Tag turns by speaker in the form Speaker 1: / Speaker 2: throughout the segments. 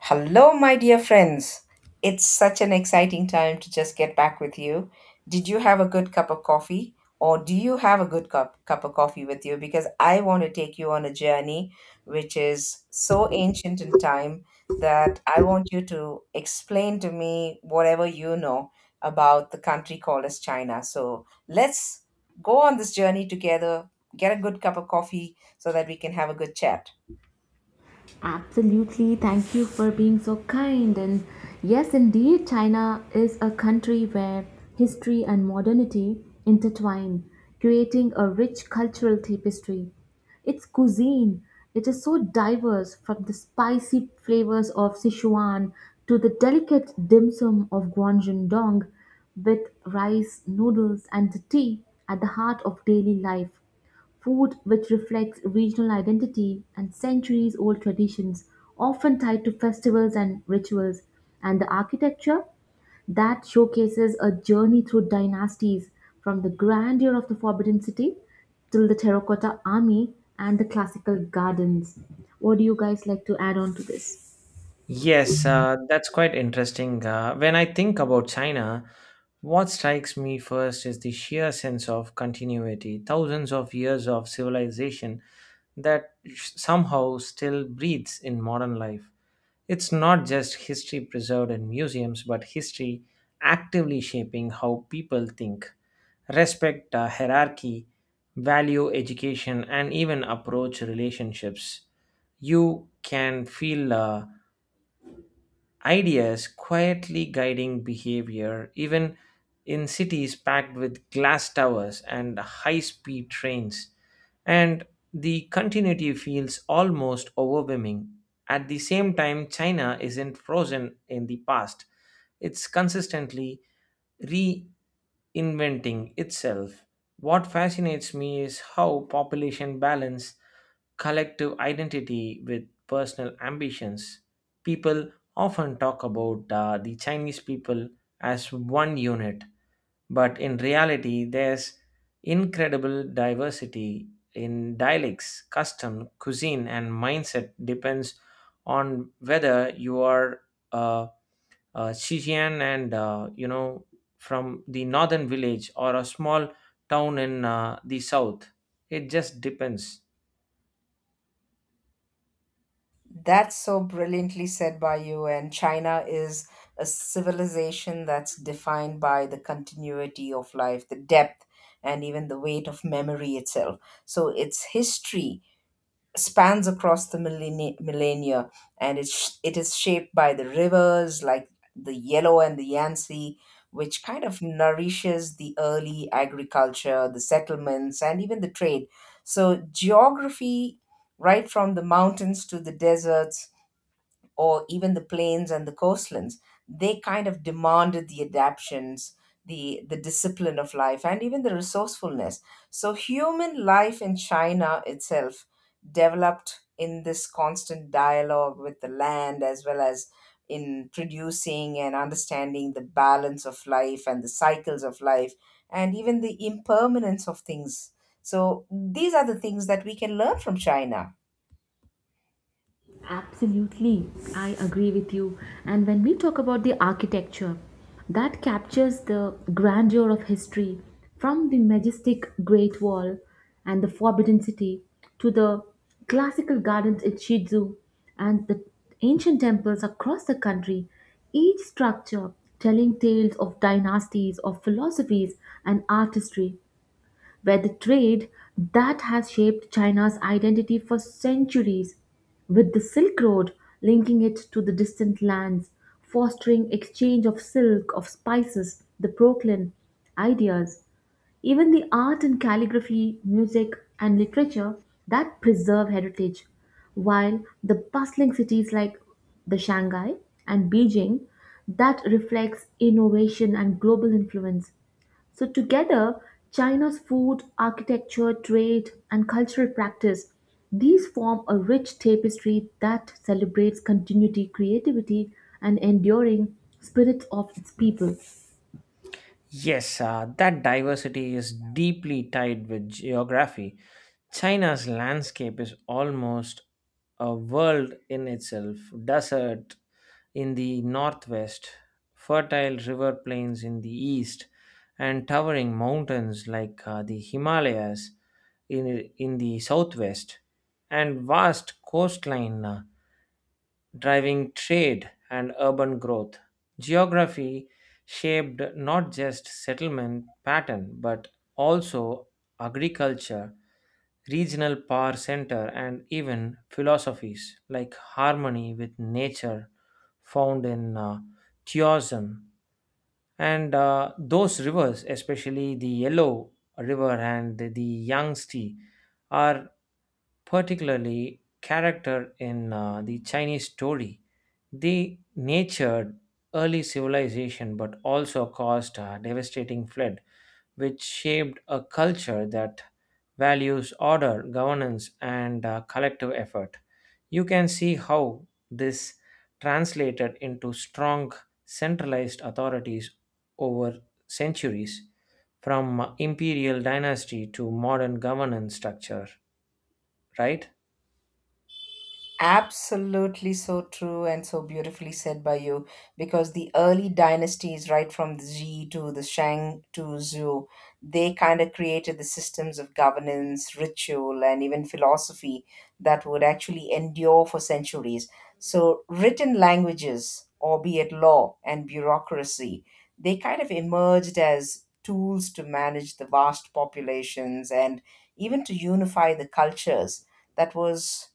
Speaker 1: Hello, my dear friends. It's such an exciting time to just get back with you. Did you have a good cup of coffee? Or do you have a good cup of coffee with you? Because I want to take you on a journey which is so ancient in time that I want you to explain to me whatever you know about the country called as China. So let's go on this journey together, get a good cup of coffee so that we can have a good chat.
Speaker 2: Absolutely. Thank you for being so kind. And yes, indeed, China is a country where history and modernity intertwine, creating a rich cultural tapestry. Its cuisine, it is so diverse from the spicy flavors of Sichuan to the delicate dim sum of Guangzhou with rice, noodles, and tea at the heart of daily life. Food which reflects regional identity and centuries old traditions, often tied to festivals and rituals, and the architecture that showcases a journey through dynasties from the grandeur of the Forbidden City till the Terracotta Army and the classical gardens. What do you guys like to add on to this?
Speaker 3: Yes, that's quite interesting. When I think about China, what strikes me first is the sheer sense of continuity, thousands of years of civilization that somehow still breathes in modern life. It's not just history preserved in museums, but history actively shaping how people think, respect hierarchy, value education, and even approach relationships. You can feel. Ideas quietly guiding behavior, even in cities packed with glass towers and high speed trains. And the continuity feels almost overwhelming. At the same time, China isn't frozen in the past, it's consistently reinventing itself. What fascinates me is how population balance collective identity with personal ambitions. People often talk about the Chinese people as one unit, but in reality, there's incredible diversity in dialects, custom, cuisine, and mindset depends on whether you are uh, Xinjiang and you know from the northern village or a small town in the south. It just depends.
Speaker 1: That's so brilliantly said by you. And China is a civilization that's defined by the continuity of life, the depth, and even the weight of memory itself. So its history spans across the millennia, and it is shaped by the rivers like the Yellow and the Yangtze, which kind of nourishes the early agriculture, the settlements, and even the trade. So, geography, right from the mountains to the deserts, or even the plains and the coastlands, they kind of demanded the adaptions, the discipline of life, and even the resourcefulness. So human life in China itself developed in this constant dialogue with the land, as well as in producing and understanding the balance of life and the cycles of life and even the impermanence of things. So these are the things that we can learn from China.
Speaker 2: Absolutely, I agree with you. And when we talk about the architecture, that captures the grandeur of history from the majestic Great Wall and the Forbidden City to the classical gardens at Shizu and the ancient temples across the country, each structure telling tales of dynasties, of philosophies, and artistry where the trade that has shaped China's identity for centuries, with the Silk Road linking it to the distant lands, fostering exchange of silk, of spices, the Brooklyn, ideas, even the art and calligraphy, music, and literature that preserve heritage, while the bustling cities like the Shanghai and Beijing that reflects innovation and global influence. So, together, China's food, architecture, trade, and cultural practice, these form a rich tapestry that celebrates continuity, creativity, and enduring spirits of its people.
Speaker 3: Yes, that diversity is deeply tied with geography. China's landscape is almost a world in itself, desert in the northwest, fertile river plains in the east, and towering mountains like the Himalayas in the southwest, and vast coastline, driving trade and urban growth. Geography shaped not just settlement pattern but also agriculture, regional power center and even philosophies like harmony with nature found in theism, and those rivers, especially the Yellow River and the Yangtze, are particularly character in the Chinese story. They nurtured early civilization but also caused a devastating flood, which shaped a culture that values order, governance, and collective effort. You can see how this translated into strong centralized authorities over centuries, from imperial dynasty to modern governance structure, right?
Speaker 1: Absolutely, so true and so beautifully said by you, because the early dynasties, right from the Ji to the Shang to Zhou, they kind of created the systems of governance, ritual, and even philosophy that would actually endure for centuries. So, written languages, albeit law and bureaucracy, they kind of emerged as tools to manage the vast populations and even to unify the cultures that was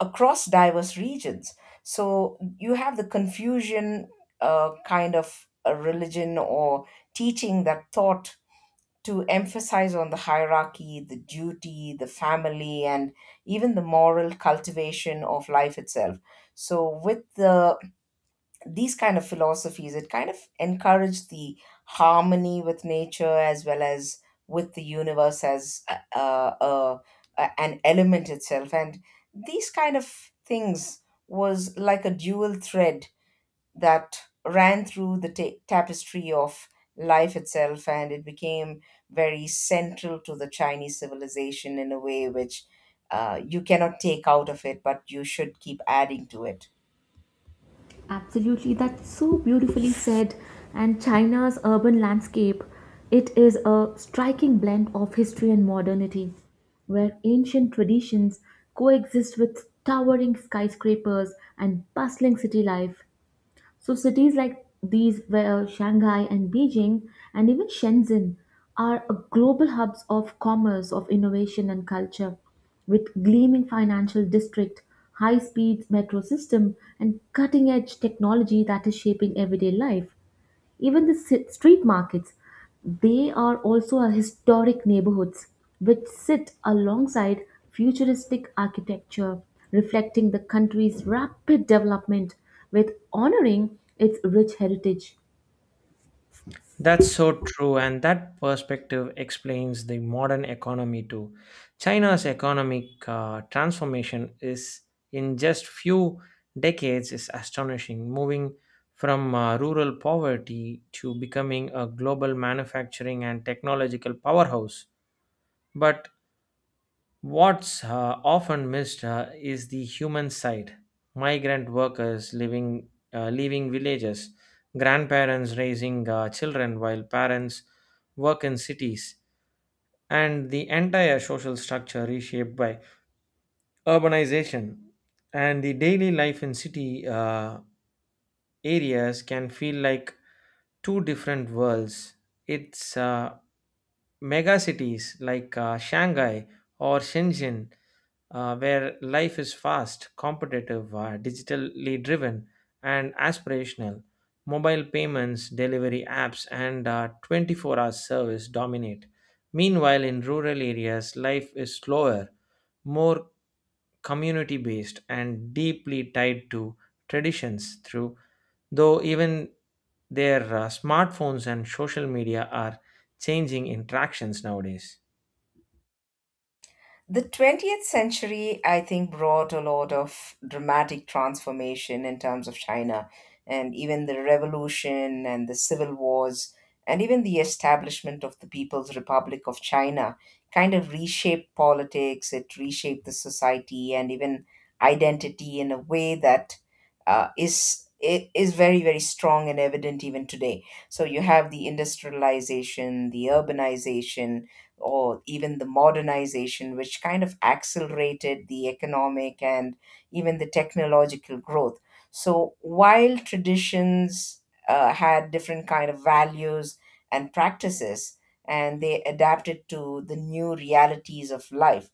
Speaker 1: across diverse regions. So you have the Confucian kind of a religion or teaching that thought to emphasize on the hierarchy, the duty, the family, and even the moral cultivation of life itself. So with these kind of philosophies, it kind of encouraged the harmony with nature as well as with the universe as an element itself, and these kind of things was like a dual thread that ran through the tapestry of life itself, and it became very central to the Chinese civilization in a way which you cannot take out of it, but you should keep adding to it.
Speaker 2: Absolutely, that's so beautifully said. And China's urban landscape, it is a striking blend of history and modernity, where ancient traditions coexist with towering skyscrapers and bustling city life. So cities like these were Shanghai and Beijing and even Shenzhen are a global hubs of commerce, of innovation and culture with gleaming financial district, high-speed metro system and cutting-edge technology that is shaping everyday life. Even the street markets, they are also a historic neighborhoods which sit alongside futuristic architecture, reflecting the country's rapid development with honoring its rich heritage.
Speaker 3: That's so true, and that perspective explains the modern economy too. China's economic transformation is in just few decades is astonishing, moving from rural poverty to becoming a global manufacturing and technological powerhouse. But what's often missed is the human side. Migrant workers living leaving villages, grandparents raising children while parents work in cities, and the entire social structure reshaped by urbanization. And the daily life in city areas can feel like two different worlds. It's megacities like Shanghai or Shenzhen, where life is fast, competitive, digitally driven, and aspirational. Mobile payments, delivery apps, and 24-hour service dominate. Meanwhile, in rural areas, life is slower, more community based and deeply tied to traditions, through though even their smartphones and social media are changing interactions nowadays.
Speaker 1: The 20th century, I think, brought a lot of dramatic transformation in terms of China, and even the revolution and the civil wars, and even the establishment of the People's Republic of China kind of reshaped politics, it reshaped the society, and even identity in a way that Is very, very strong and evident even today. So, you have the industrialization, the urbanization, or even the modernization, which kind of accelerated the economic and even the technological growth. So while traditions had different kind of values and practices, and they adapted to the new realities of life,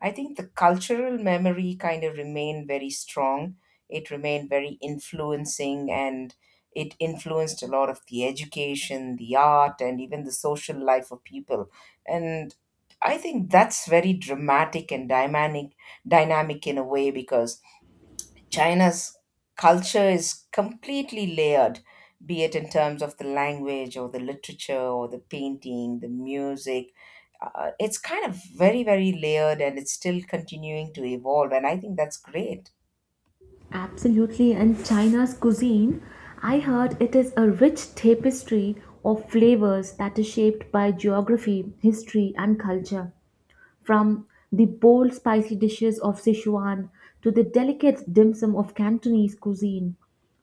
Speaker 1: I think the cultural memory kind of remained very strong. It remained very influencing, and it influenced a lot of the education, the art, and even the social life of people, and I think that's very dramatic and dynamic in a way, because China's culture is completely layered, be it in terms of the language or the literature or the painting, the music. It's kind of very, very layered, and it's still continuing to evolve. And I think that's great.
Speaker 2: Absolutely, and China's cuisine, I heard it is a rich tapestry of flavors that is shaped by geography, history, and culture. From the bold spicy dishes of Sichuan to the delicate dim sum of Cantonese cuisine,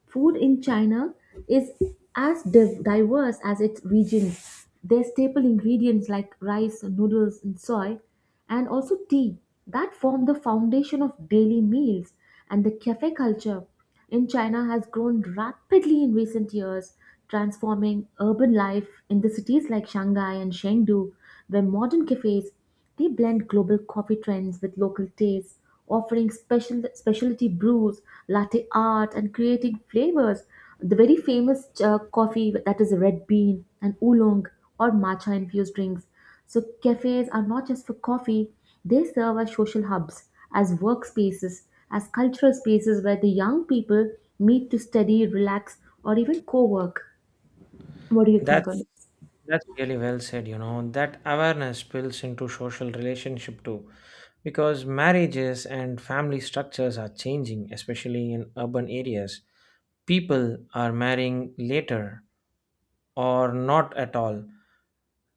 Speaker 2: food in China is as diverse as its regions. Their staple ingredients like rice, noodles, and soy, and also tea, that form the foundation of daily meals. And the cafe culture in China has grown rapidly in recent years, transforming urban life in the cities like Shanghai and Chengdu, where modern cafes they blend global coffee trends with local tastes, offering special specialty brews, latte art, and creating flavors. The very famous coffee that is red bean and oolong or matcha infused drinks. So cafes are not just for coffee; they serve as social hubs, as workspaces, as cultural spaces where the young people meet to study, relax, or even co-work. What do you think
Speaker 3: that's
Speaker 2: on it?
Speaker 3: That's really well said, you know. That awareness spills into social relationship too, because marriages and family structures are changing, especially in urban areas. People are marrying later, or not at all.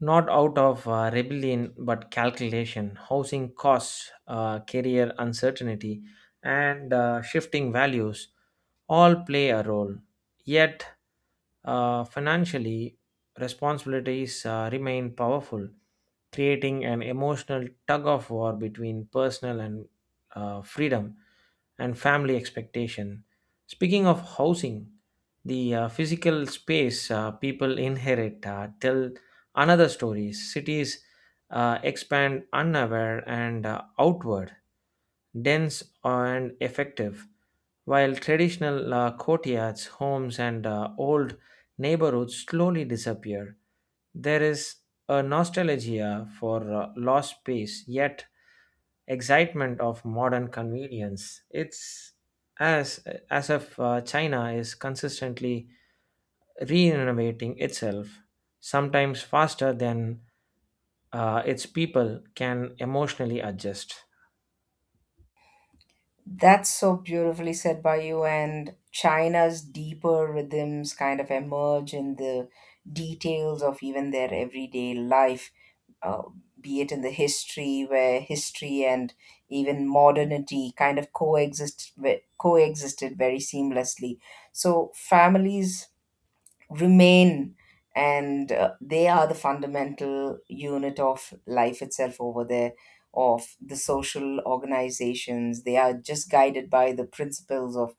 Speaker 3: Not out of rebellion, but calculation, housing costs, career uncertainty, and shifting values all play a role. Yet, financially, responsibilities remain powerful, creating an emotional tug of war between personal and freedom and family expectation. Speaking of housing, the physical space people inherit tell another stories, cities expand unaware and outward, dense and effective, while traditional courtyards homes and old neighborhoods slowly disappear. There is a nostalgia for lost space yet excitement of modern convenience. It's as as if china is consistently reinnovating itself, sometimes faster than its people can emotionally adjust.
Speaker 1: That's so beautifully said by you. And China's deeper rhythms kind of emerge in the details of even their everyday life, uh, be it in the history, where history and even modernity kind of coexisted very seamlessly. So families remain, and they are the fundamental unit of life itself over there. Of the social organizations, they are just guided by the principles of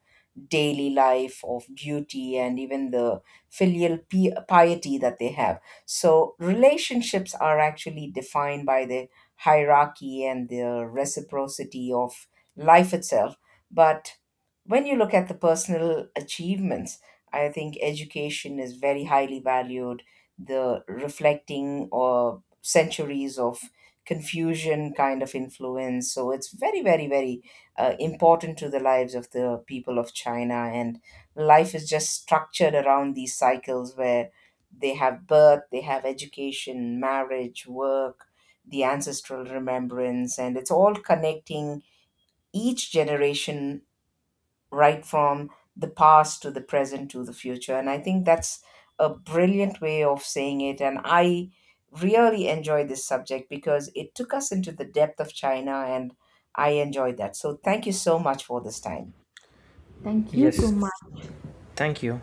Speaker 1: daily life, of duty and even the piety that they have. So relationships are actually defined by the hierarchy and the reciprocity of life itself. But when you look at the personal achievements, I think education is very highly valued. The reflecting or centuries of confusion kind of influence. So it's very, very, very, important to the lives of the people of China. And life is just structured around these cycles where they have birth, they have education, marriage, work, the ancestral remembrance, and it's all connecting each generation right from the past to the present to the future. And I think that's a brilliant way of saying it. And I really enjoyed this subject, because it took us into the depth of China, and I enjoyed that. So thank you so much for this time.
Speaker 2: Thank you
Speaker 3: Yes,
Speaker 2: so much.
Speaker 3: thank you.